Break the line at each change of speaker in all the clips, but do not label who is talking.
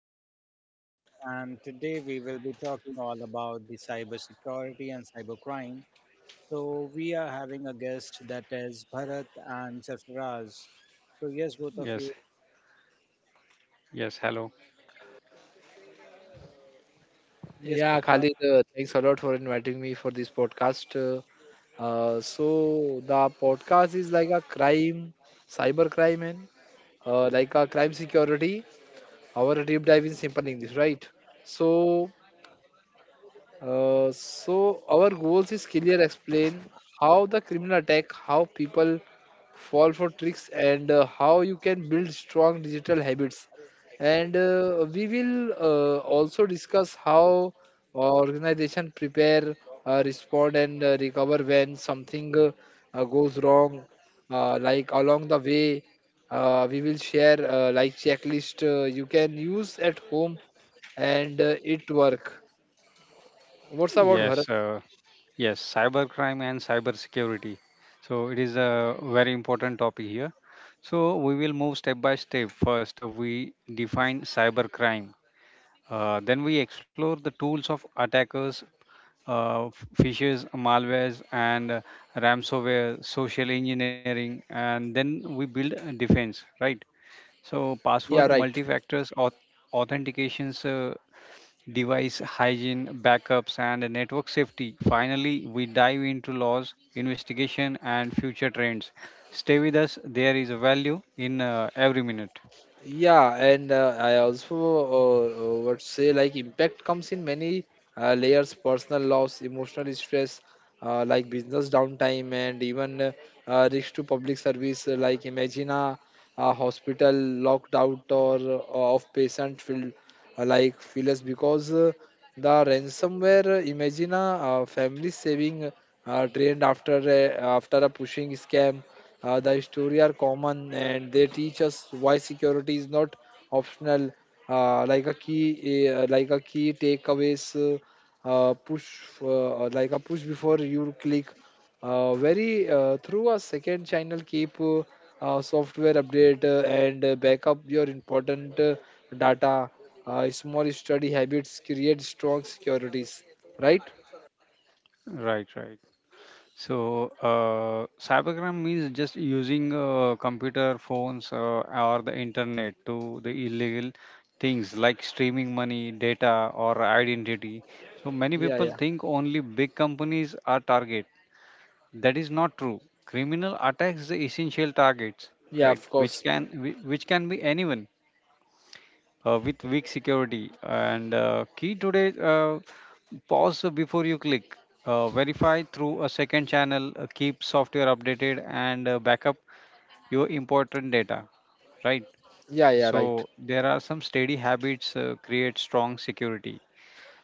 Khalid, your host, and today we will be talking all about the cybersecurity and cybercrime. So we are having a guest that is Bharat and Sarfaraz. So yes, both of
Yes,
you.
yes, hello.
Yes,
Yeah, Khalid, thanks a lot for inviting me for this podcast. So the podcast is like a cyber crime, and like a crime security. Our deep dive in simple English, right? So so our goals is clear explain how the criminal attack, how people fall for tricks and how you can build strong digital habits. And we will also discuss how organization prepare, respond and recover when something goes wrong. Like along the way, we will share like checklist you can use at home and it work. What's about Bharat?
Yes, yes, cybercrime and cybersecurity. So it is a very important topic here. So we will move step by step. First, we define cybercrime. Then we explore the tools of attackers, phishers, malwares, and ransomware, social engineering, and then we build a defense, right? So password,
Yeah, right.
multi-factors, authentications, device hygiene, backups, and network safety. Finally, we dive into laws, investigation, and future trends. Stay with us, there is a value in every minute.
Yeah, and I also would say like impact comes in many layers: personal loss, emotional stress, like business downtime, and even risk to public service. Like imagine a hospital locked out or of patient filled like feelers because the ransomware. Imagine a, family saving drained after a pushing scam. The story are common and they teach us why security is not optional. Like a key takeaways, push like a push before you click. Very through a second channel, keep software update and backup your important data. Small study habits create strong securities, right?
Right, right. So, cybercrime means just using computer, phones, or the internet to the illegal things like streaming money, data, or identity. So, many
Yeah,
people
yeah,
think only big companies are target. That is not true. Criminal attacks the essential targets,
yeah.
right?
Of
Which
course.
can whi- which can be anyone with weak security. And key today, pause before you click. Verify through a second channel. Keep software updated and backup your important data, right?
Yeah, yeah, right.
So there are some steady habits create strong security.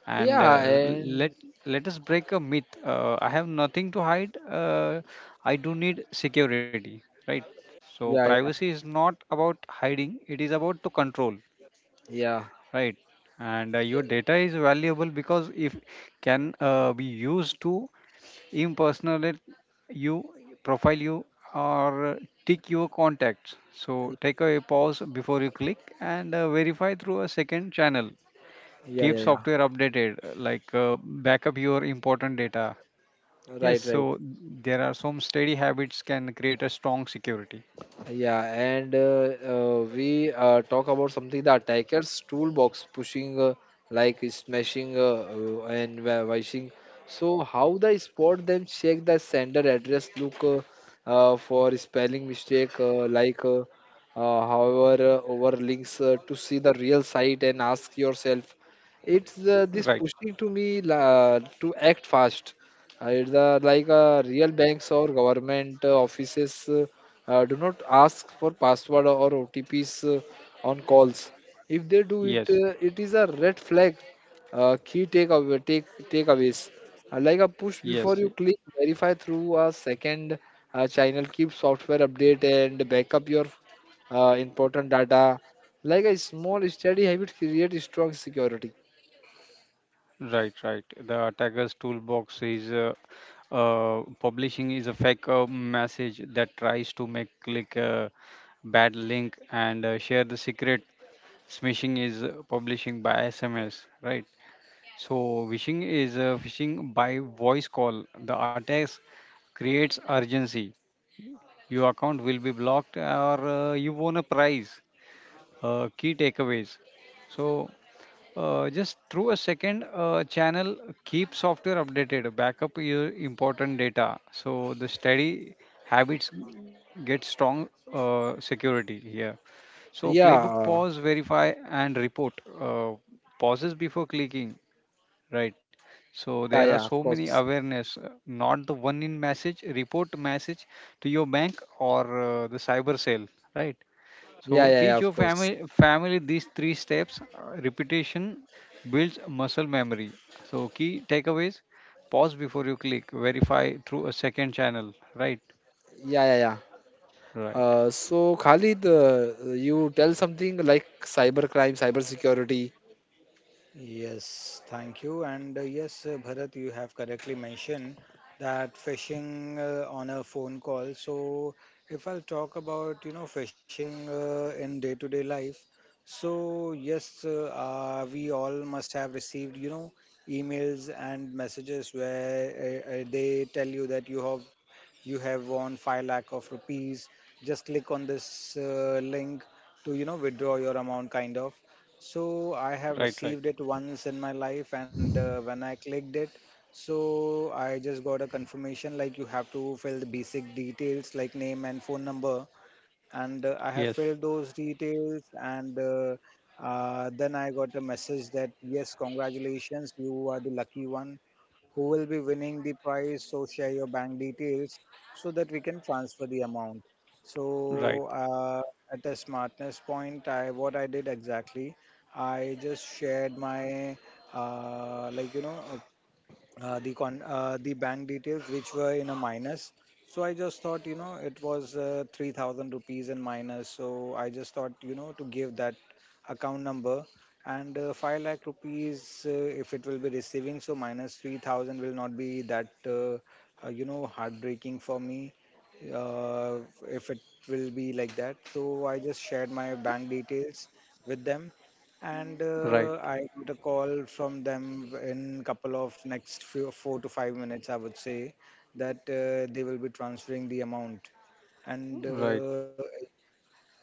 And
Yeah,
let
and
let us break a myth, I have nothing to hide, I do need security, right? So
yeah,
privacy is not about hiding, it is about to control,
yeah
right. And
yeah
your data is valuable because if can be used to impersonate you, profile you, or tick your contacts. So
yeah
take a pause before you click and verify through a second channel.
yeah
Keep
yeah yeah.
software updated, like backup your important data. Yes,
right right
so there are some steady habits can create a strong security,
Yeah, and we talk about something the attacker's toolbox pushing, like smashing and washing. So how they spot them? Check the sender address. Look for spelling mistake, however over links to see the real site and ask yourself, it's this
right.
pushing to me la to act fast. It's like real banks or government offices. Do not ask for password or OTPs on calls. If they do it,
Yes,
it is a red flag. Key takeaway, take Takeaways: like a push
yes,
before you click, verify through a second channel. Keep software update and backup your important data. Like a small steady habit create strong security.
right, right. The attacker's toolbox is publishing is a fake message that tries to make click a bad link and share the secret. Smishing is publishing by sms, right. So wishing is phishing by voice call. The attacks creates urgency. Your account will be blocked or you won a prize. Key takeaways. So just through a second channel, keep software updated, backup your important data. So the steady habits get strong security here. So playbook pause,
Yeah,
verify and report. Uh, Pauses before clicking. Right. So there
yeah,
are
yeah.
so
Of
many
course.
awareness, not the one in message, report message to your bank or the cyber cell, right?
Yeah,
So
yeah, yeah.
teach
Of
your
course.
family these three steps. Repetition builds muscle memory. So key takeaways: pause before you click, verify through a second channel, right?
Yeah, yeah, yeah.
Right.
So Khalid, you tell something like cybercrime, cybersecurity.
Yes, thank you. And yes, Bharat, you have correctly mentioned that phishing on a phone call. So, if I'll talk about, phishing in day-to-day life, so yes, we all must have received, emails and messages where they tell you that you have won 5 lakh of rupees. Just click on this link to, withdraw your amount, kind of. So I
Right.
have
Right.
received it once in my life, and when I clicked it, so I just got a confirmation like you have to fill the basic details like name and phone number, and I have
Yes.
filled those details, and then I got a message that yes, congratulations, you are the lucky one who will be winning the prize. So share your bank details so that we can transfer the amount.
Right.
So at a smartness point, I what I did exactly. I just shared my like the bank details which were in a minus. So I just thought it was 3000 rupees in minus. So I just thought to give that account number, and 5 lakh rupees if it will be receiving. So minus 3000 will not be that heartbreaking for me uh, if it will be like that. So I just shared my bank details with them, and
Right.
I got a call from them in couple of next few 4 to 5 minutes, I would say, that they will be transferring the amount, and
Right.
uh,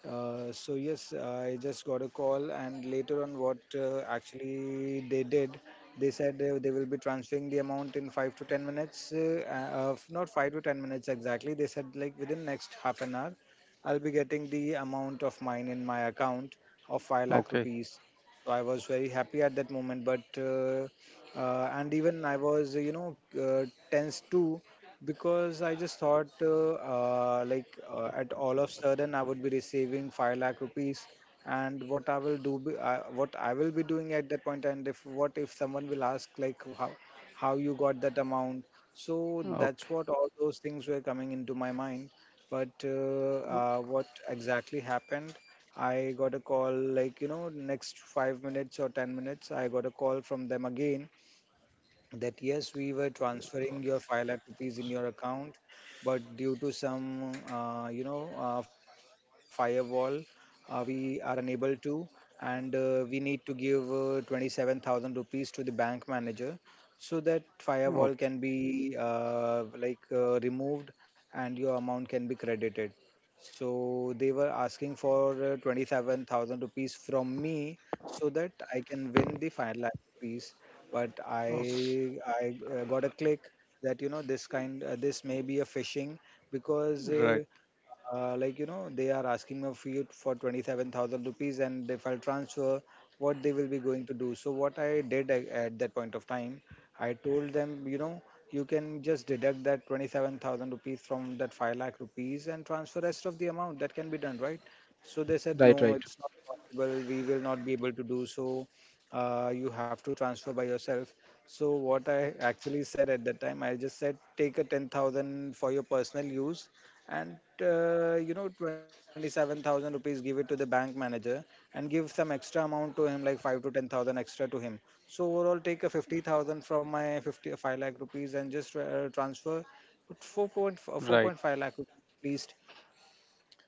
uh, so yes, I just got a call, and later on, what actually they did, they said they will be transferring the amount in 5 to 10 minutes. Not 5 to 10 minutes exactly. They said like within next half an hour, I'll be getting the amount of mine in my account of 5 lakh
Okay.
rupees. So I was very happy at that moment, but and even I was tense too, because I just thought like at all of sudden I would be receiving 5 lakh rupees, and what I will be doing at that point, and if what if someone will ask like how you got that amount? So that's
Okay.
what all those things were coming into my mind. But what exactly happened? I got a call like next 5 minutes or 10 minutes. I got a call from them again that yes, we were transferring your 5 lakh rupees in your account, but due to some, firewall, we are unable to, and we need to give 27,000 rupees to the bank manager so that firewall
Okay.
can be like removed and your amount can be credited. So they were asking for 27,000 rupees from me so that I can win the 5 lakh rupees, but
Okay.
I got a click that this may be a phishing, because
Right.
like they are asking of you for 27,000 rupees, and if I'll transfer, what they will be going to do? So what I did at that point of time, I told them, you can just deduct that 27,000 rupees from that 5 lakh rupees and transfer rest of the amount, that can be done, right? So they said no,
Right, right.
it's not possible, we will not be able to do so, you have to transfer by yourself. So what I actually said at that time, I just said take a 10,000 for your personal use, and 27,000 rupees give it to the bank manager, and give some extra amount to him like 5 to 10,000 extra to him, so overall take a 50,000 from my 55 lakh rupees and just transfer 4.4
Right.
4.5 lakh rupees at least.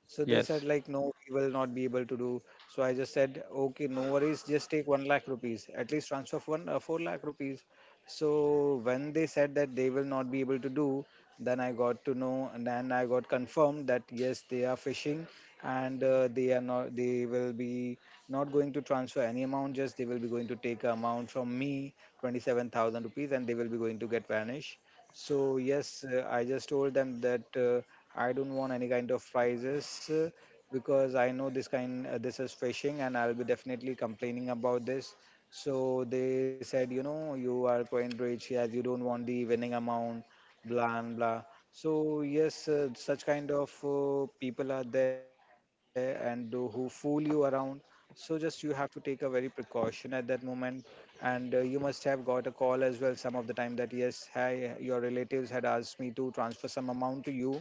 So they
Yes.
said like, no, we will not be able to do. So I just said, okay, no worries, just take 1 lakh rupees, at least transfer of one 4 lakh rupees. So when they said that they will not be able to do, then I got to know, and then I got confirmed that yes, they are fishing, and they are not, they will be not going to transfer any amount. Just they will be going to take a amount from me, 27,000 rupees, and they will be going to get vanish. So yes, I just told them that. I don't want any kind of prizes, because I know this is phishing and I'll be definitely complaining about this. So they said, you are quite rich as you don't want the winning amount, blah and blah. So yes, such kind of people are there and who fool you around. So just you have to take a very precaution at that moment. And you must have got a call as well some of the time that yes, hi, your relatives had asked me to transfer some amount to you,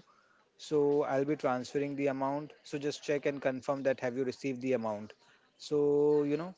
so I'll be transferring the amount. So just check and confirm that have you received the amount. So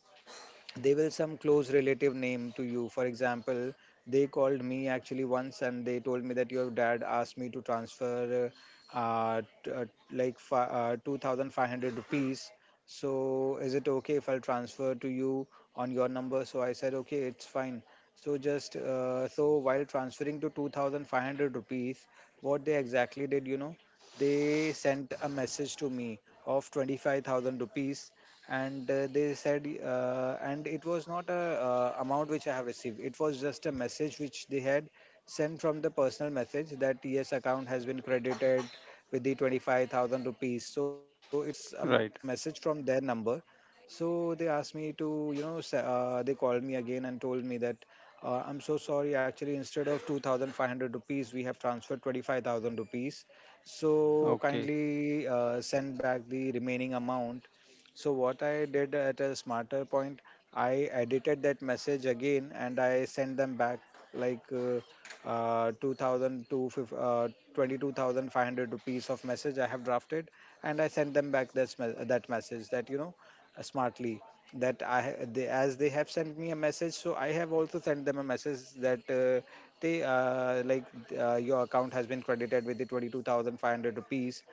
they will some close relative name to you. For example, they called me actually once and they told me that your dad asked me to transfer uh, uh, t- uh, like 2,500 rupees, so is it okay if I'll transfer to you on your number? So I said okay, it's fine. So just so while transferring to 2,500 rupees, what they exactly did, they sent a message to me of 25,000 rupees, and they said and it was not a amount which I have received, it was just a message which they had sent from the personal message that yes, account has been credited with the 25,000 rupees, so it was a
Right.
message from their number. So they asked me to, they called me again and told me that I'm so sorry, actually instead of 2,500 rupees we have transferred 25,000 rupees, so
Okay,
kindly send back the remaining amount. So what I did at a smarter point, I edited that message again and I sent them back like 2,250 22,500 rupees of message I have drafted, and I sent them back that, message that, smartly, that, they, as they have sent me a message, so I have also sent them a message that they like your account has been credited with the 22,500 rupees.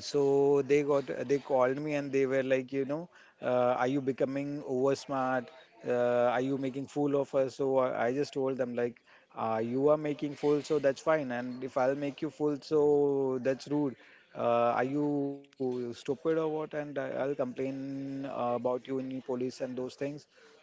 So they called me and they were like, are you becoming over smart, are you making fool of us? So I just told them like, you are making fool, so that's fine, and if I'll make you fool, so that's rude, are you stupid or what? And I'll complain about you in police and those things.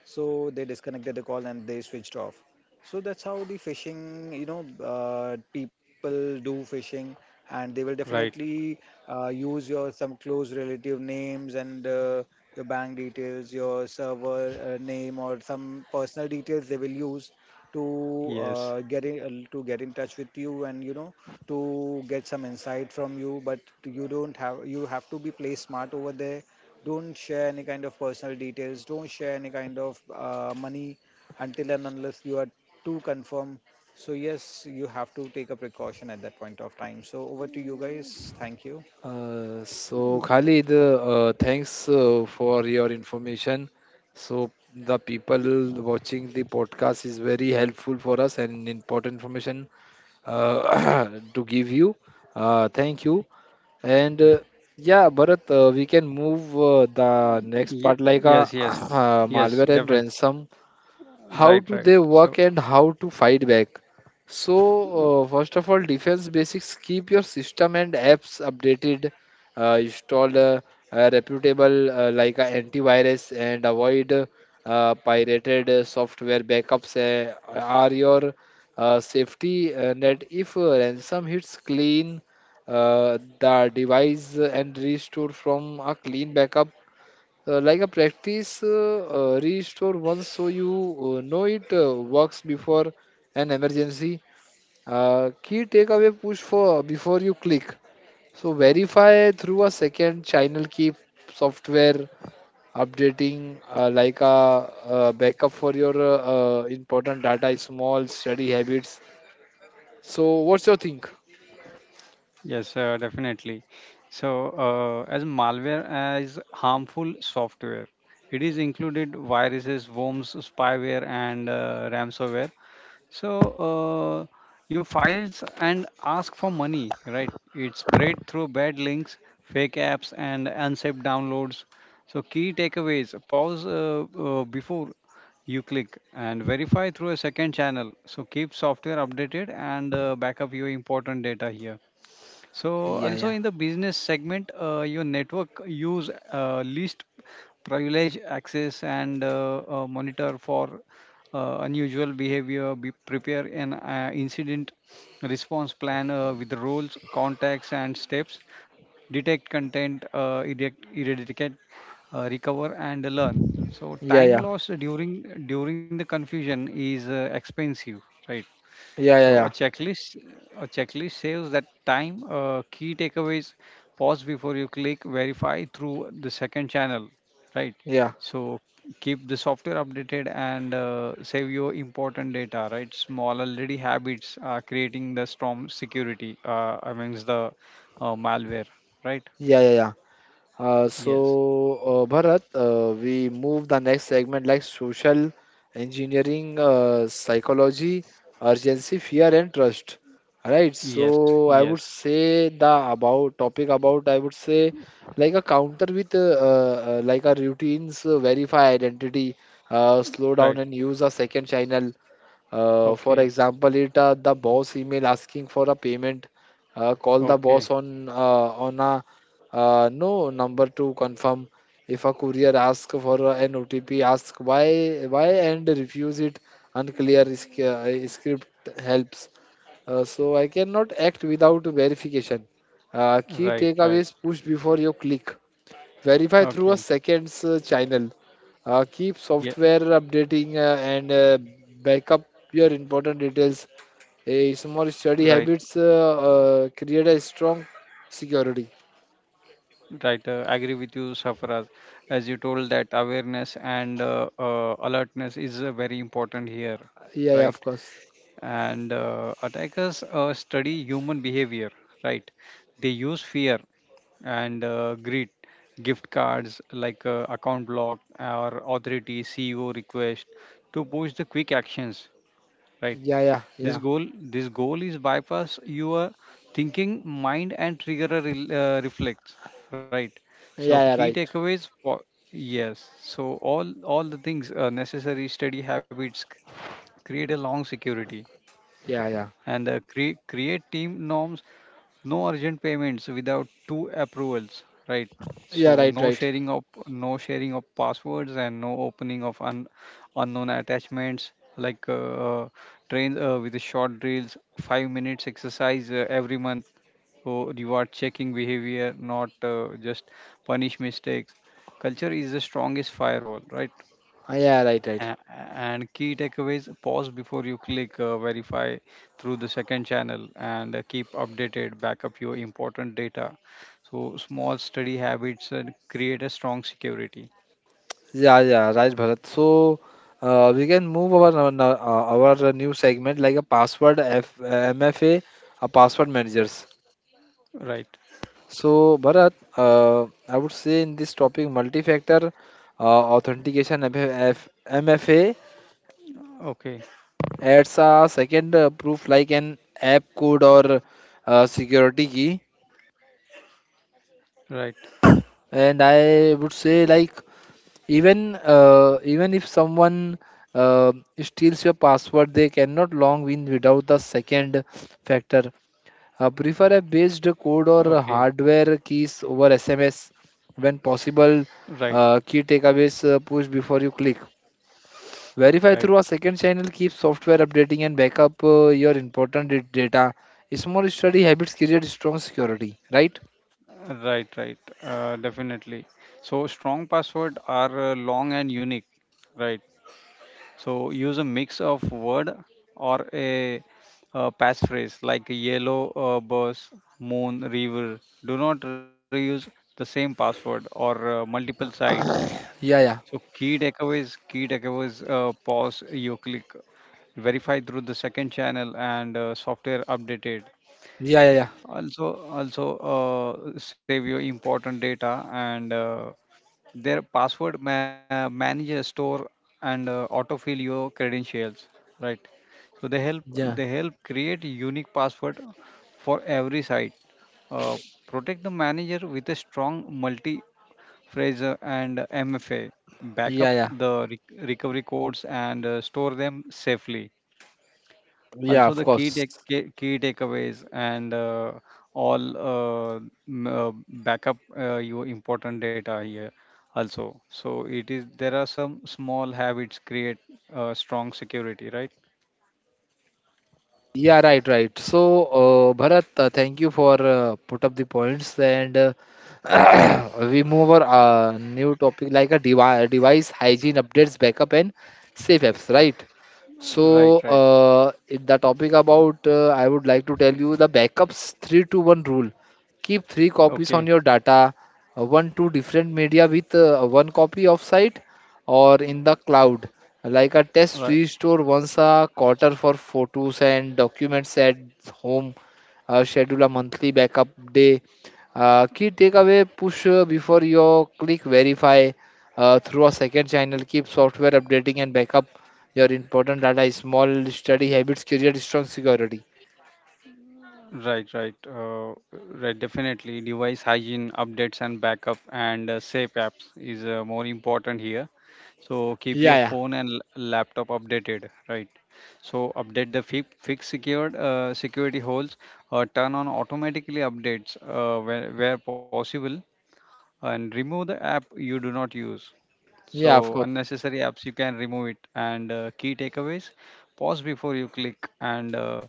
So they disconnected the call and they switched off. So that's how the phishing, you know people do phishing, and they will
right.
definitely use your some close relative names, and your bank details, your server name, or some personal details they will use
Yes.
to get in touch with you, and to get some insight from you. But you don't have, you have to be play smart over there. Don't share any kind of personal details, don't share any kind of money until and unless you are too confirmed. So yes, you have to take a precaution at that point of time. So over to you guys. Thank you.
So Khalid, thanks for your information. So the people watching the podcast is very helpful for us and important information uh, to give you. Thank you. And yeah, Bharat, we can move the next part like
Yes, yes. Yes,
malware and
definitely.
ransom. How
Right,
do
right.
they
So,
work and how to fight back? so
uh,
First of all, defense basics: keep your system and apps updated, install a reputable like a antivirus and avoid pirated software. Backups are your safety net. If ransom hits, clean the device and restore from a clean backup. Like a practice restore once so you know it works before an emergency. Key takeaway: push for before you click. So verify through a second channel, keep software updating like a, backup for your important data. Small study habits. So what's your think?
yes, definitely. So, as malware as harmful software, it is included viruses, worms, spyware, and ransomware. So uh, your files and ask for money, right? It's spread through bad links, fake apps, and unsafe downloads. So key takeaways: pause before you click and verify through a second channel. So keep software updated and back up your important data here. So
Yeah,
also
yeah,
in the business segment, your network use least privilege access and monitor for unusual behavior, be prepare an incident response plan with roles, contacts, and steps, detect content, eradicate, recover, and learn. So
yeah, yeah,
time
yeah,
lost during the confusion is expensive, right?
yeah,
So
yeah,
a
yeah,
checklist, a checklist saves that time. Key takeaways: pause before you click, verify through the second channel, right? So keep the software updated and save your important data, right? Small already habits are creating the strong security amongst the malware, right?
yeah, yeah, yeah. Uh, so,
Yes,
uh, Bharat, we move the next segment like social engineering, psychology, urgency, fear, and trust. Right.
yes,
So, I would
yes,
say the about topic about I would say like a counter with like a routines, verify identity, slow
right.
down and use a second channel. For
Okay,
example, it the boss email asking for a payment. Call the boss
okay,
on a no number to confirm. If a courier ask for a an OTP, ask why and refuse it. Unclear script helps. So I cannot act without verification. Key
right, right.
takeaways: push before you click. Verify through a
Okay,
seconds channel. Keep
yeah,
software updating and backup your important details. A small study
right.
habits create a strong security.
Right, agree with you, Safraz. As you told that awareness and alertness is very important here,
Yeah, yeah,
right?
of course.
And attackers study human behavior, right? They use fear and greed, gift cards like account block or authority, CEO request to push the quick actions, right.
Yeah, yeah,
this
yeah,
goal this goal is bypass your thinking mind and trigger a reflect, right. So
yeah,
key
yeah, right.
takeaways for, yes, so all the things necessary steady habits create a long security.
Yeah, yeah,
And create team norms, no urgent payments without two approvals, right. So
yeah,
no
right, right.
sharing of no sharing of passwords and no opening of unknown attachments, like trains with the short drills 5 minutes exercise every month. So reward checking behavior not just punish mistakes. Culture is the strongest firewall, right.
Yeah, right, right.
a- and key takeaways pause before you click, verify through the second channel and keep updated, backup your important data. So small study habits create a strong security,
Yeah, yeah, right, Bharat. So we can move our our new segment like a password F, MFA, a password managers.
right.
So, Bharat, I would say in this topic, multi-factor authentication MF, MFA
Okay,
adds a second proof like an app code or security key.
right.
And I would say like even if someone uh, steals your password, they cannot log in without the second factor. Prefer a based code
Okay,
or hardware keys over SMS when possible.
right,
Key takeaways: push before you click. Verify
right,
through a second channel. Keep software updating and backup your important data. Small study habits create strong security. Right?
right, right. Definitely, so strong password are long and unique, right. So use a mix of word or a, passphrase like yellow bus, moon, river. Do not reuse the same password or multiple sites.
Yeah,
So
yeah,
key takeaways, pause, you click, verify through the second channel and software updated,
yeah, yeah, yeah,
also save your important data and their password manager store and autofill your credentials, right. So they help they
yeah,
help create unique password for every site. uh, Protect the manager with a strong multi phrase and mfa, backup
yeah, yeah.
the recovery codes and store them safely.
Yeah,
Also,
of
the
course.
key takeaways and all m- uh, backup your important data here. Also, so it is there are some small habits create strong security, right?
Yeah, right, right. So, Bharat, thank you for put up the points and we move our new topic like a device hygiene updates, backup and safe apps, right?
Right,
So,
right.
in the topic about, I would like to tell you the backups three to one rule. Keep three copies on
Okay,
your data, one to different media with one copy of site or in the cloud, like a test
right.
restore once a quarter for photos and documents at home, schedule a monthly backup day. Key takeaway: push before you click, verify through a second channel. Keep software updating and backup your important data. Small study habits create strong security.
Right, right, right. Definitely, device hygiene updates and backup and safe apps is more important here. So keep
Yeah,
your
yeah,
phone and laptop updated, right. So update the fix secured security holes, turn on automatically updates where possible, and remove the app you do not use.
Yeah,
So,
of course.
unnecessary apps you can remove it. And key takeaways pause before you click and uh,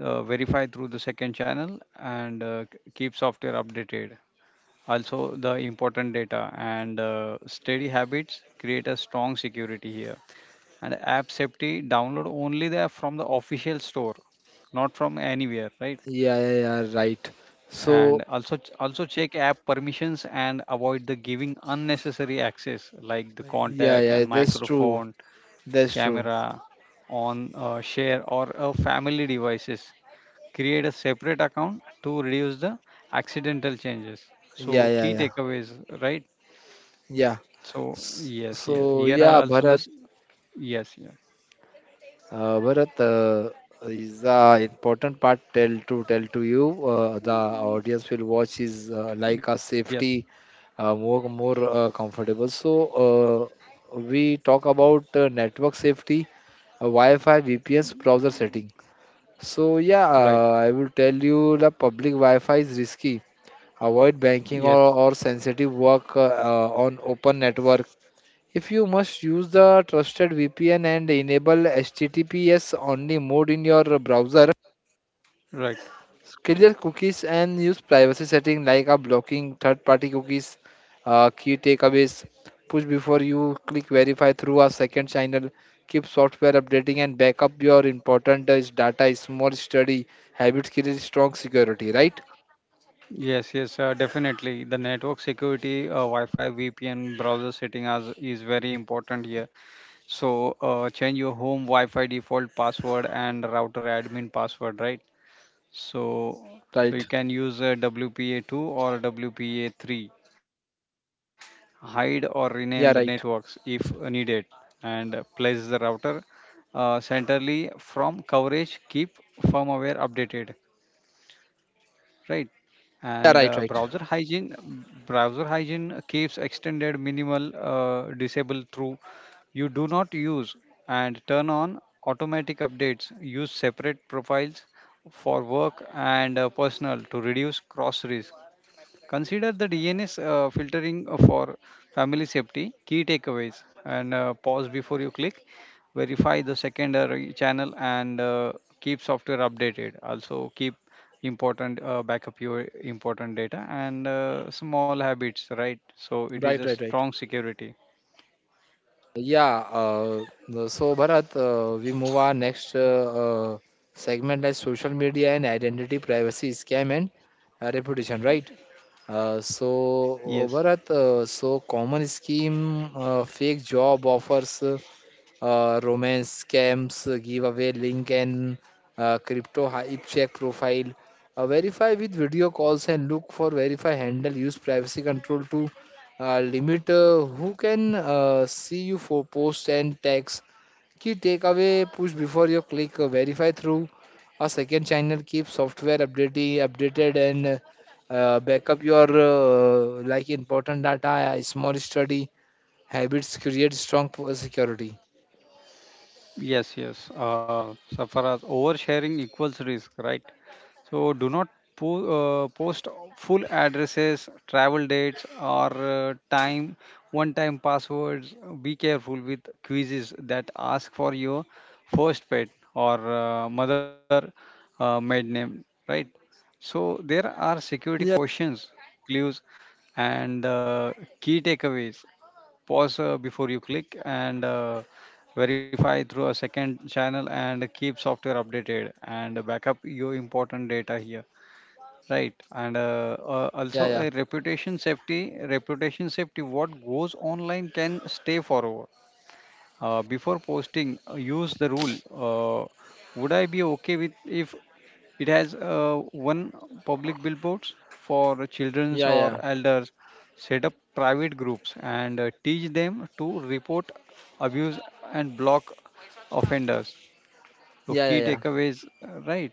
uh, verify through the second channel and keep software updated. Also, the important data and steady habits create a strong security here. And app safety download only there from the official store, not from anywhere, right.
Yeah, yeah, yeah, right.
And
So,
also check app permissions and avoid the giving unnecessary access like the
yeah,
contact and
yeah, that's true.
microphone
That's true.
camera on share or family devices, create a separate account to reduce the accidental changes. So
Yeah, yeah,
key
yeah,
takeaways, right.
yeah.
So, yes, yes,
So,
here are
yeah,
also the
Bharat.
yes, yes,
Bharat, is the important part tell to you. The audience will watch is like a
yes,
safety, more comfortable. So we talk about network safety, Wi-Fi, VPNs, browser setting. So yeah,
right.
I will tell you the public Wi-Fi is risky. Avoid banking
Yes,
or sensitive work on open network. If you must use the trusted VPN and enable HTTPS only mode in your browser,
right.
clear cookies and use privacy setting like a blocking third-party cookies. Key takeaways: push before you click, verify through a second channel. Keep software updating and back up your important is data. Is more study habits create strong security. Right?
Yes, yes, definitely. The network security, Wi-Fi, VPN, browser setting as is very important here. So change your home Wi-Fi default password and router admin password, right. So so you
right
can use WPA2 or WPA3. Hide or rename the networks
Yeah.
if
Right.
needed, and place the router centrally from coverage. Keep firmware updated, right. And
yeah right
browser
right
hygiene browser hygiene keeps extended minimal, disable through you do not use, and turn on automatic updates, use separate profiles for work and personal to reduce cross risk. Consider the DNS filtering for family safety. Key takeaways, and pause before you click. Verify the secondary channel and keep software updated. Also keep important backup your important data and small habits, right. So it is
right
a
right right
strong security.
Yeah, so Bharat, we move our next uh, segment like social media and identity, privacy, scam, and reputation, right? So
Yes,
Bharat, so common scheme, fake job offers, romance scams, giveaway link, and crypto hype check profile. Verify with video calls and look for verify handle. Use privacy control to limit who can see you for posts and tags. Key takeaway: push before you click, verify through a second channel. Keep software updated and backup your like important data. A small study habits create strong security.
yes, yes. So far as oversharing equals risk, right? So do not post full addresses, travel dates, or time one-time passwords. Be careful with quizzes that ask for your first pet or mother maid name, right? So there are security
Yeah.
questions, clues, and key takeaways. Pause before you click and verify through a second channel and keep software updated and backup your important data here, right. And
Yeah,
also
yeah,
a reputation safety, what goes online can stay forever. Before posting use the rule, would I be okay with if it has one public billboards for children's
yeah,
or
yeah,
elders. Set up private groups and teach them to report abuse and block offenders. So
yeah,
key
yeah, yeah,
takeaways, right.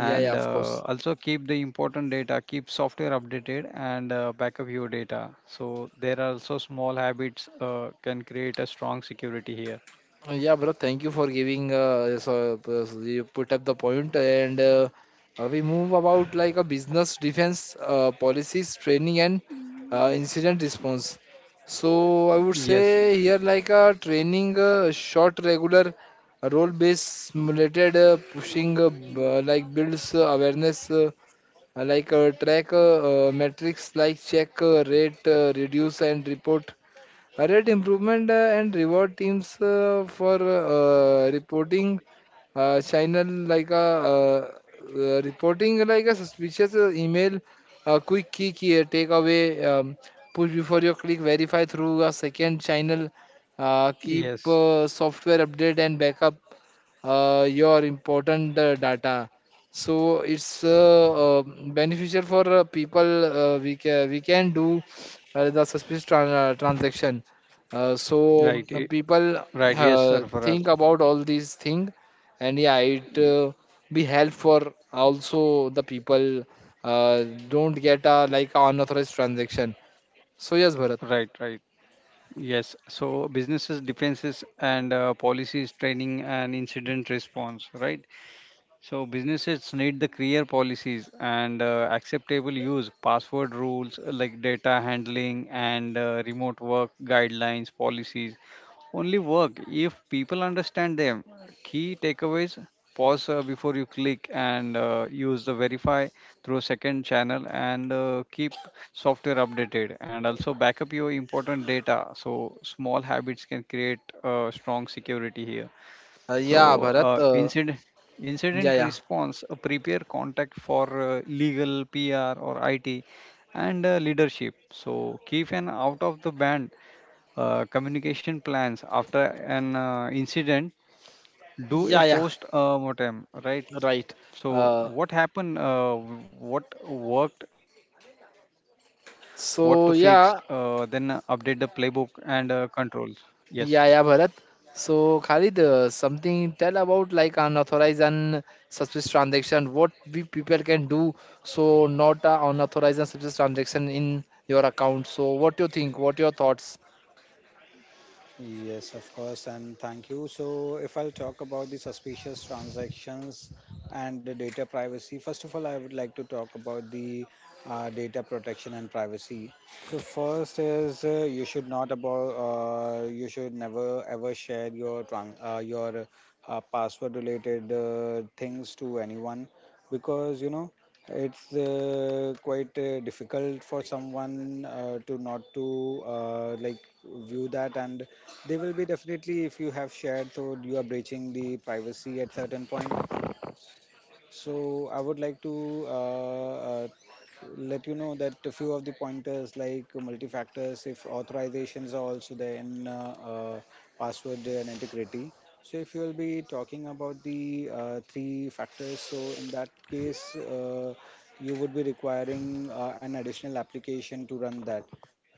yeah, yeah, of course.
also keep the important data, keep software updated and backup your data. So there are also small habits can create a strong security here.
Yeah, bro, thank you for giving, so, so you put up the point and we move about like a business defense policies, training and incident response. So I would
Yes,
say here like a training, short, regular, role-based, simulated, pushing, like builds awareness, like track metrics like check, rate, reduce and report rate improvement and reward teams for reporting channel like a reporting like a suspicious email, key takeaway, push before you click, verify through a second channel, keep
yes,
software update and backup your important data. So it's beneficial for people. We can do the suspicious transaction. So
right,
people
right, yes, Sir Faraz.
think about all these thing, and yeah, it be help for also the people uh, don't get like unauthorized transaction. So yes, Bharat.
Right, right, yes. So businesses defenses and policies training and incident response, right. So businesses need the clear policies and acceptable use, password rules, like data handling and remote work guidelines, policies only work if people understand them. Key takeaways pause before you click and use the verify through second channel and keep software updated and also backup your important data. So small habits can create strong security here.
Uh,
So,
yeah bharat
uh, incident
yeah
incident
yeah
response, prepare contact for legal, PR, or IT, and leadership. So, keep an out of the band communication plans after an incident. Do a
yeah yeah
post mortem, right?
right
So,
uh,
what happened? What worked? What to fix? Then
so
update the
Yeah.
playbook and controls. Yes.
Yeah, Bharat. So, Khalid, something tell about like unauthorized and suspicious transaction. What we people can do so not unauthorized and suspicious transaction in your account. So, what you think? What your thoughts?
Yes, of course, and thank you. So, if I'll talk about the suspicious transactions and the data privacy, first of all, I would like to talk about the data protection and privacy. So, first is you should not about you should never ever share your tran your password related things to anyone, because it's quite difficult for someone to not to like view that, and they will be definitely if you have shared, so you are breaching the privacy at certain point. So I would like to uh, let you know that a few of the pointers like multi-factors, if authorizations are also there in password and integrity. So if you will be talking about the three factors, so in that case, you would be requiring an additional application to run that.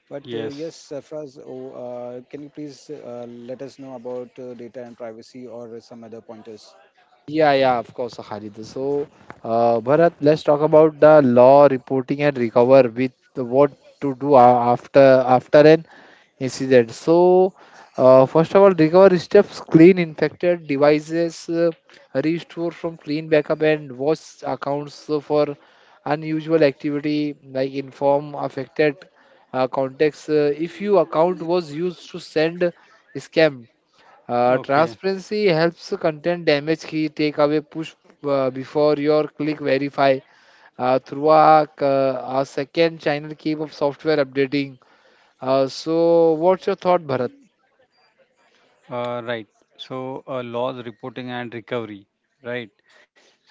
But yes,
Yes.
Sarfraz, oh, can you please let us know about data and privacy or some other pointers?
Yeah, yeah, of course, Khalid. So, Bharat, let's talk about the law reporting and recover with what to do after after an incident. So, first of all, recovery steps: clean infected devices, restore from clean backup, and watch accounts for unusual activity. Like inform affected contacts if your account was used to send scam
Okay.
transparency helps content damage key takeaway push before your click verify through a second channel keep of software updating. So what's your thought, Bharat?
Right. So, loss reporting and recovery, right?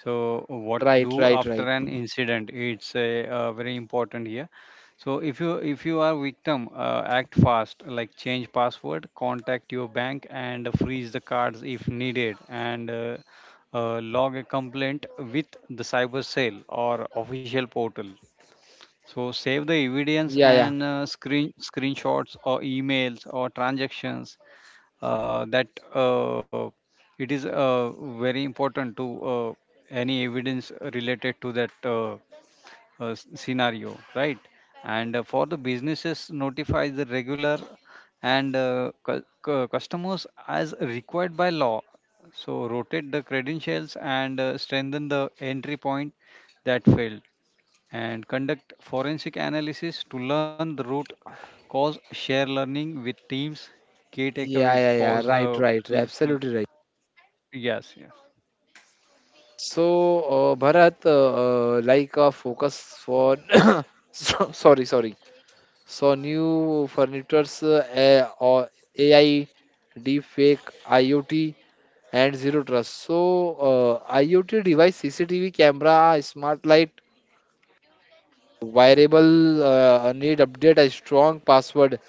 So, what to
Right,
do
right,
after
right.
an incident? It's a, very important here. So, if you are victim, act fast. Like change password, contact your bank, and freeze the cards if needed, and log a complaint with the cyber cell or official portal. So save the evidence
Yeah, yeah,
and screenshots or emails or transactions. That uh, it is very important to any evidence related to that s- scenario, right? And for the businesses, notify the regular and cu- cu- customers as required by law. So rotate the credentials and strengthen the entry point that failed and conduct forensic analysis to learn the root cause, share learning with teams, key takeaways,
yeah, yeah,
pause
yeah.
the.
Right, right. Absolutely right.
Yes, yes.
So Bharat, like a focus for so, sorry, sorry. So new furnitures or AI, deep fake, IoT, and zero trust. So, IoT device, CCTV camera, smart light, wearable need update a strong password,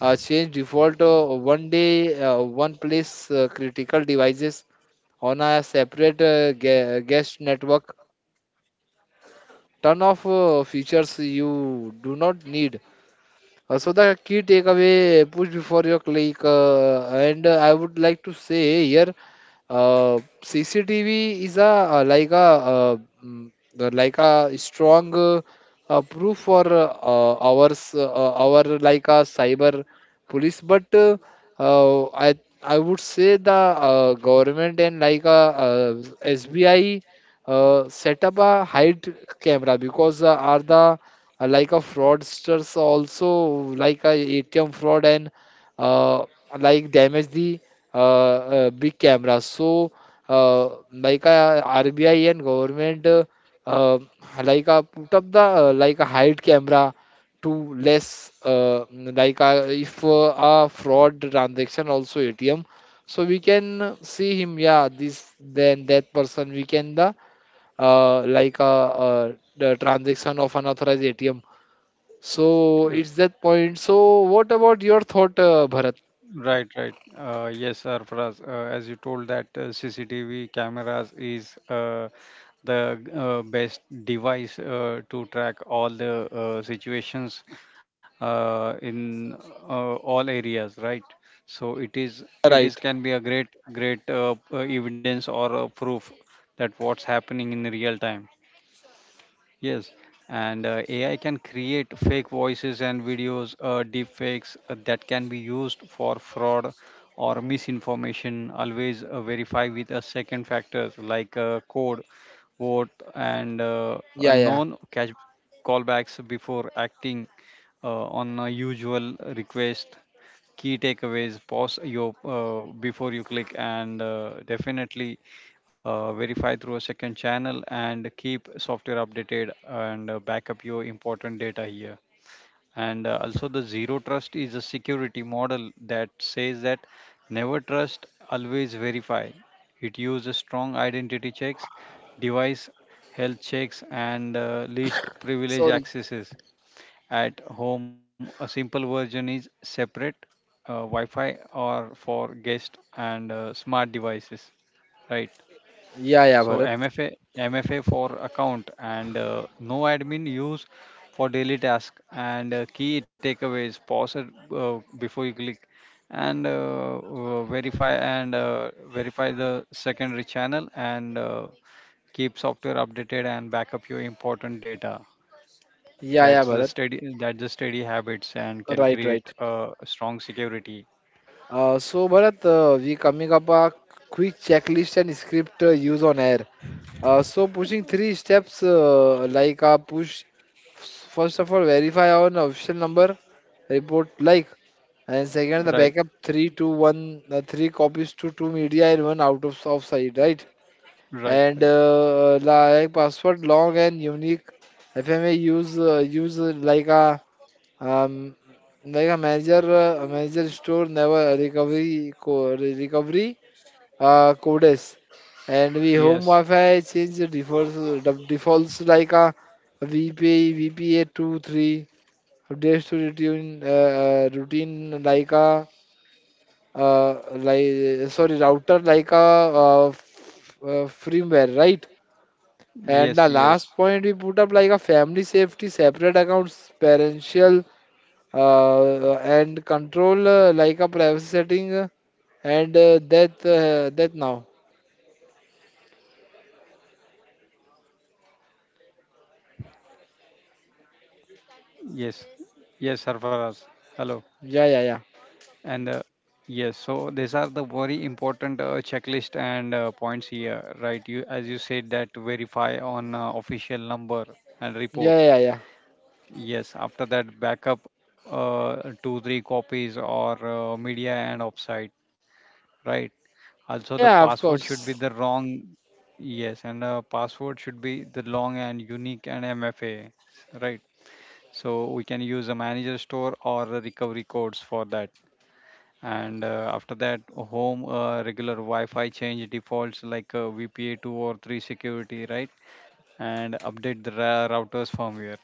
change default one day, one place critical devices on a separate guest network, turn off features you do not need. So the key takeaway push before your click, and I would like to say here, CCTV is a like a like a strong proof for ours our like a cyber police, but uh, I I would say the government and like a SBI set up a hide camera because are the like a fraudsters also like a ATM fraud and uh, like damage the big camera. So like a RBI and government, uh, like a put up the like a hide camera to less like a if a fraud transaction also ATM. So we can see him, yeah, this then that person we can the like a the transaction of unauthorized ATM, so it's that point. So what about your thought, Bharat?
Right, right. Yes, Arfaraz, as you told that CCTV cameras is the best device to track all the situations in all areas, right? So it is
Right.
can be a great evidence or a proof that what's happening in real time. Yes, and AI can create fake voices and videos, deep fakes that can be used for fraud or misinformation. Always verify with a second factors like code, vote, and a
Yeah, yeah.
known cash callbacks before acting on a usual request. Key takeaways, pause your before you click and definitely verify through a second channel and keep software updated and back up your important data here. And also the zero trust is a security model that says that never trust, always verify. It uses strong identity checks, device health checks and least privilege
Sorry.
accesses. At home, a simple version is separate Wi-Fi or for guest and smart devices, right?
Yeah, yeah,
So
Bharat.
MFA for account and no admin use for daily task and key takeaways. Pause it before you click and verify and verify the secondary channel and keep software updated and backup your important data.
Yeah, yeah,
that's the
Bharat.
steady that's the steady habits and can
Right, right.
create a strong security.
So Bharat, we coming up a quick checklist and script use on air. So pushing three steps like a push. First of all, verify on official number, report like, and second the
Right,
backup three to one, three copies to two media and one out of off site, right?
right,
And
right.
like password long and unique fma use use um, like a manager, a manager store never recovery recovery codes, and we home
Yes,
wi-fi change the defaults like a vpa 23 updates to routine, routine like a like sorry router like a firmware, right. And
yes,
the
yes,
last point we put up like a family safety, separate accounts, parental and control like a privacy setting, and that that now.
yes, yes, Sarfaraz. Hello.
Yeah, yeah, yeah,
And yes, so these are the very important checklist and points here, right? You as you said that verify on official number and report.
yeah, yeah, yeah.
Yes, after that backup two three copies or media and offsite, right? Also, the
Yeah,
password
of
should be the
course.
wrong. Yes, and password should be the long and unique and MFA, right? So we can use a manager store or a recovery codes for that. And after that, home regular Wi-Fi change defaults like VPA two or three security, right? And update the ra- routers firmware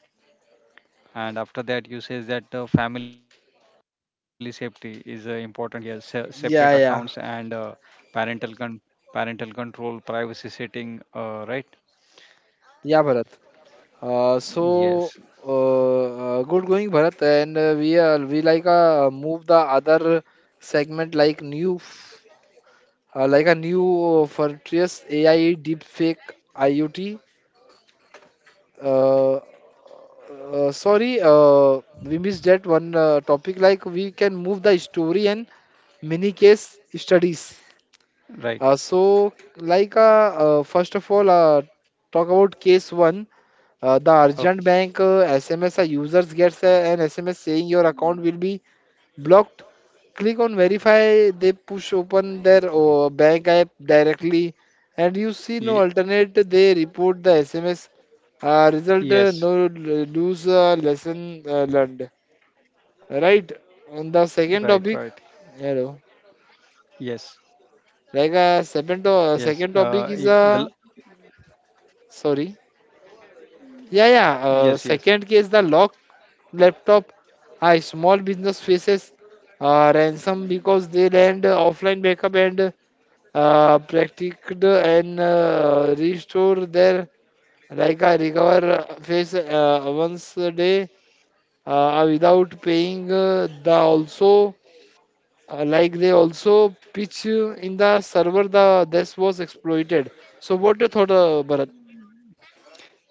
and after that you says that family safety is important here. Se- separate accounts and
Yeah, yeah,
parental con- parental control privacy setting right,
yeah, Bharat. Uh,
yes,
so good going, Bharat. And we like move the other segment like like a new Fortress AI deepfake IoT, uh, sorry, we missed that one topic. Like we can move the story and mini case studies.
right,
First of all, talk about case one. The urgent
okay.
bank SMS. A users gets an SMS saying your account will be blocked, click on verify. They push open their bank app directly and you see no
Ye-
alternate, they report the sms. Result,
yes,
no lose, lesson learned, right.
right, right,
On the second topic, hello.
yes,
Like
yes, if
second
the l-
topic is sorry. Yeah, yeah,
yes, yes,
second case, the lock laptop. Hi, small business faces ransom because they land offline backup and practiced and restored their like a recover face once a day, without paying the also like they also pitch in the server the this was exploited. So what your thought, Bharat?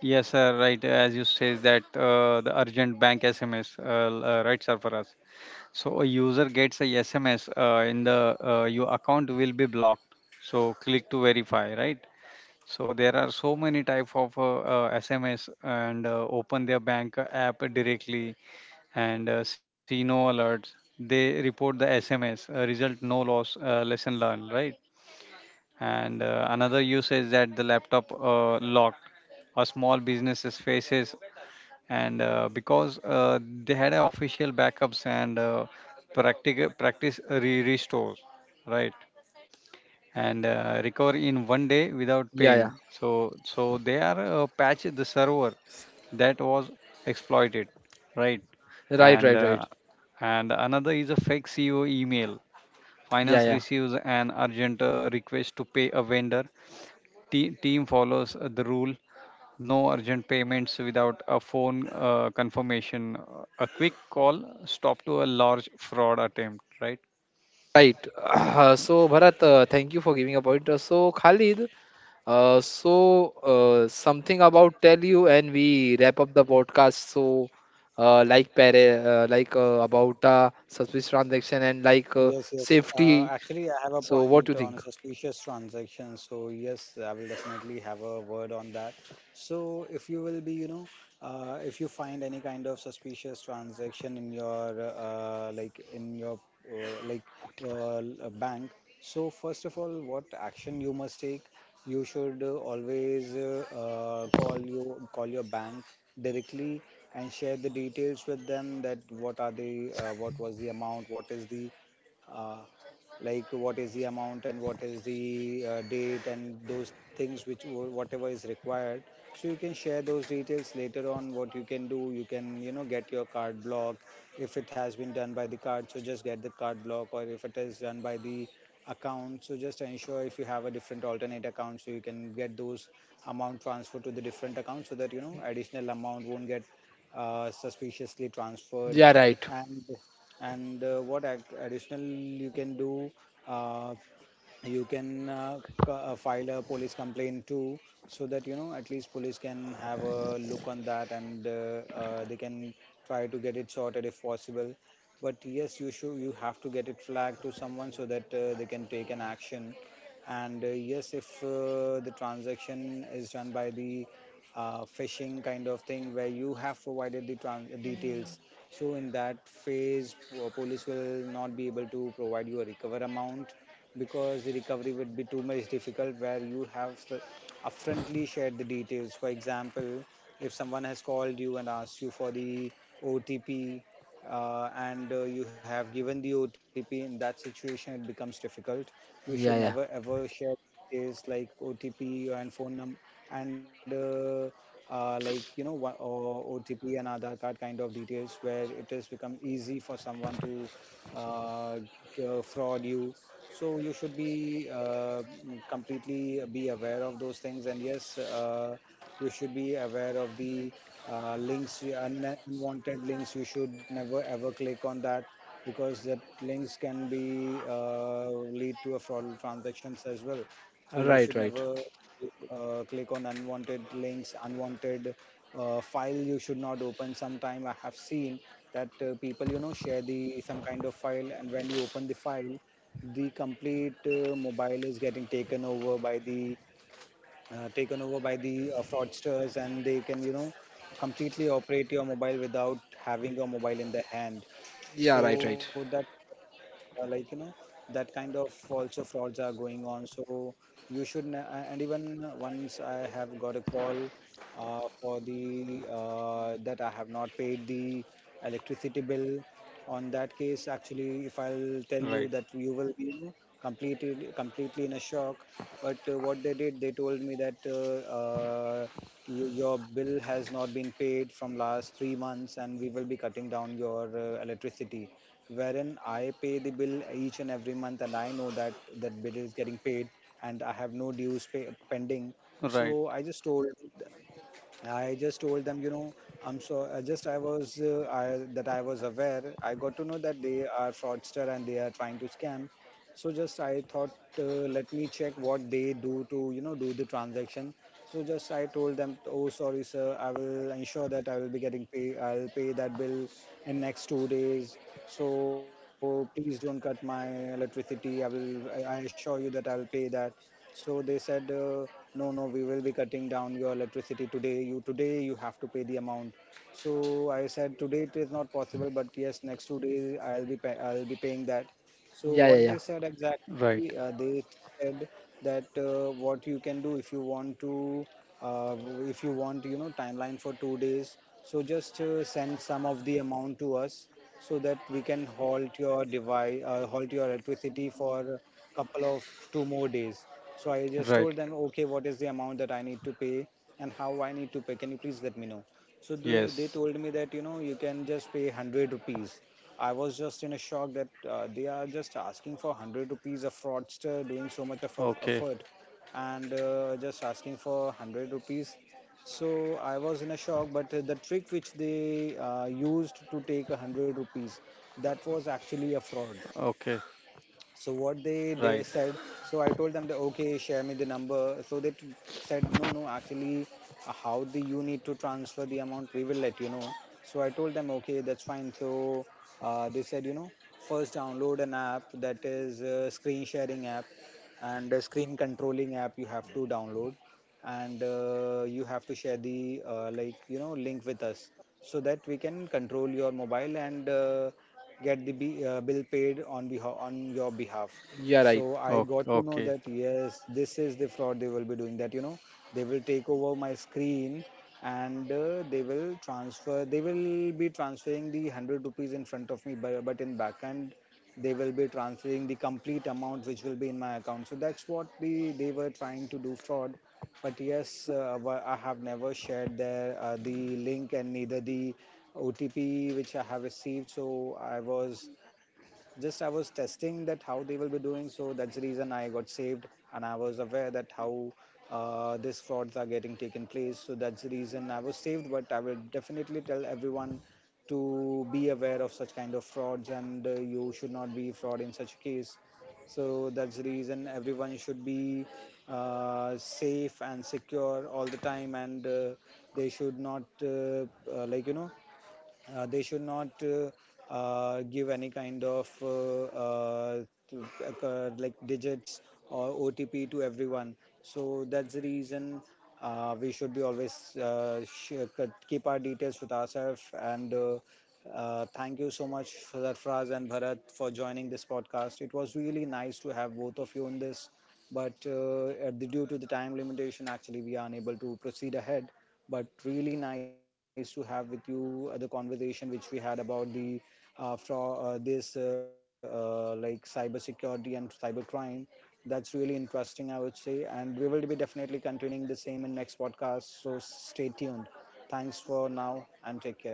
yes, sir, right, as you says that the urgent bank SMS right sir for us. So a user gets a SMS in the your account will be blocked. So click to verify, right? So there are so many type of SMS and open their bank app directly and see no alerts. They report the SMS result no loss lesson learned, right? And another use is that the laptop locked. A small businesses faces and because they had a official backups and practic- practice re- restores, right? And recover in one day without
Yeah,
paying,
yeah,
so so they are patch the server that was exploited, right?
right,
And
right,
uh,
right.
and another is a fake CEO email.
Yeah,
Finance
yeah,
receives an urgent request to pay a vendor. Te- team follows the rule, no urgent payments without a phone confirmation. A quick call stop to a large fraud attempt, right,
right. So, Bharat, thank you for giving a point. Khalid, Uh, so, something about tell you, and we wrap up the podcast. So, like para, about suspicious transaction and like
Yes, yes.
safety.
Actually, I have a
So, what
point
do you
on
think?
suspicious transactions. So yes, I will definitely have a word on that. So if you will be, you know, if you find any kind of suspicious transaction in your like in your uh, like bank, so first of all, what action you must take? You should always call your bank directly and share the details with them, that what are the what was the amount, what is the uh, like what is the amount and what is the date and those things which, whatever is required, so you can share those details. Later on, what you can do, you can, you know, get your card block. If it has been done by the card, so just get the card block, or if it is done by the account, so just ensure if you have a different alternate account, so you can get those amount transferred to the different account so that, you know, additional amount won't get suspiciously transferred.
Yeah, right.
And what additional you can do, uh, you can file a police complaint too so that, you know, at least police can have a look on that, and they can try to get it sorted if possible. But yes, you have to get it flagged to someone so that they can take an action. And yes, if the transaction is done by the phishing kind of thing where you have provided the details, so in that phase police will not be able to provide you a recover amount, because the recovery would be too much difficult where you have upfrontly shared the details. For example, if someone has called you and asked you for the otp, and you have given the otp, in that situation it becomes difficult. You should
Yeah,
never
yeah.
ever share details like OTP and phone number, and like, you know, or OTP and Aadhaar card kind of details, where it has become easy for someone to uh, fraud you. So you should be completely be aware of those things. And yes, you should be aware of the links, unwanted links. You should never ever click on that, because that links can be lead to a fraudulent transactions as well. So you
Right,
should
right.
never click on unwanted links. Unwanted file you should not open. Sometime I have seen that people, you know, share the some kind of file, and when you open the file, the complete mobile is getting taken over by the fraudsters, and they can, you know, completely operate your mobile without having your mobile in their hand.
Yeah, right,
So
right.
that, like, you know, that kind of also frauds are going on. So you should and even once I have got a call for the that I have not paid the electricity bill. On that case, actually,
right,
if I'll tell you that, you will be, you know, completed completely in a shock. But what they did, they told me that your bill has not been paid from last 3 months, and we will be cutting down your electricity, wherein I pay the bill each and every month, and I know that that bill is getting paid, and I have no dues pending.
right,
So I just told them, you know, I was I that I was aware. I got to know that they are fraudster and they are trying to scam. So just I thought, uh, let me check what they do to, you know, do the transaction. So just I told them, oh, sorry, sir, I will ensure that I will be getting pay. I'll pay that bill in next 2 days. So please don't cut my electricity. I will. I assure you that I will pay that. So they said, no, no, we will be cutting down your electricity today. You today you have to pay the amount. So I said today it is not possible, but yes, next 2 days I'll be I'll be paying that. So
Yeah, yeah,
what
yeah.
they said
right,
exactly, they said that what you can do if you want to, uh, if you want, you know, timeline for 2 days. So just send some of the amount to us so that we can halt your device, halt your electricity for couple of two more days. So I just
right,
told them, okay, what is the amount that I need to pay and how I need to pay? Can you please let me know? So they
yes,
told me that, you know, you can just pay 100 rupees. I was just in a shock that they are just asking for 100 rupees, a fraudster doing so
okay,
much of effort and just asking for 100 rupees. So I was in a shock. But the trick which they used to take 100 rupees, that was actually a fraud.
okay,
So what
right,
they said, so I told them that, okay, share me the number. So said no, no, actually, how do you need to transfer the amount, we will let you know. So I told them okay, that's fine. So they said, you know, first download an app, that is a screen sharing app, and a screen controlling app you have to download, and you have to share the like, you know, link with us so that we can control your mobile and get the bill paid on behalf, on your behalf.
Yeah, right.
So I
okay,
got to know
okay.
that yes, this is the fraud they will be doing, that, you know, they will take over my screen, and they will be transferring the 100 rupees in front of me, but in back they will be transferring the complete amount which will be in my account. So that's what the they were trying to do fraud. But yes, I have never shared there the link, and neither the OTP which I have received. So I was testing that how they will be doing. So that's the reason I got saved, and I was aware that how these frauds are getting taken place. So that's the reason I was saved. But I will definitely tell everyone to be aware of such kind of frauds, and you should not be fraud in such a case. So that's the reason everyone should be safe and secure all the time, and they should not like, you know, they should not give any kind of like, digits or OTP to everyone. So that's the reason we should be always keep our details with ourselves. And thank you so much, Sarfraz and Bharat, for joining this podcast. It was really nice to have both of you in this. But at the, due to the time limitation, actually, we are unable to proceed ahead, but really nice to have with you the conversation which we had about the fro- this like, cybersecurity and cybercrime. That's really interesting, I would say, and we will be definitely continuing the same in next podcast. So stay tuned. Thanks for now, and take care.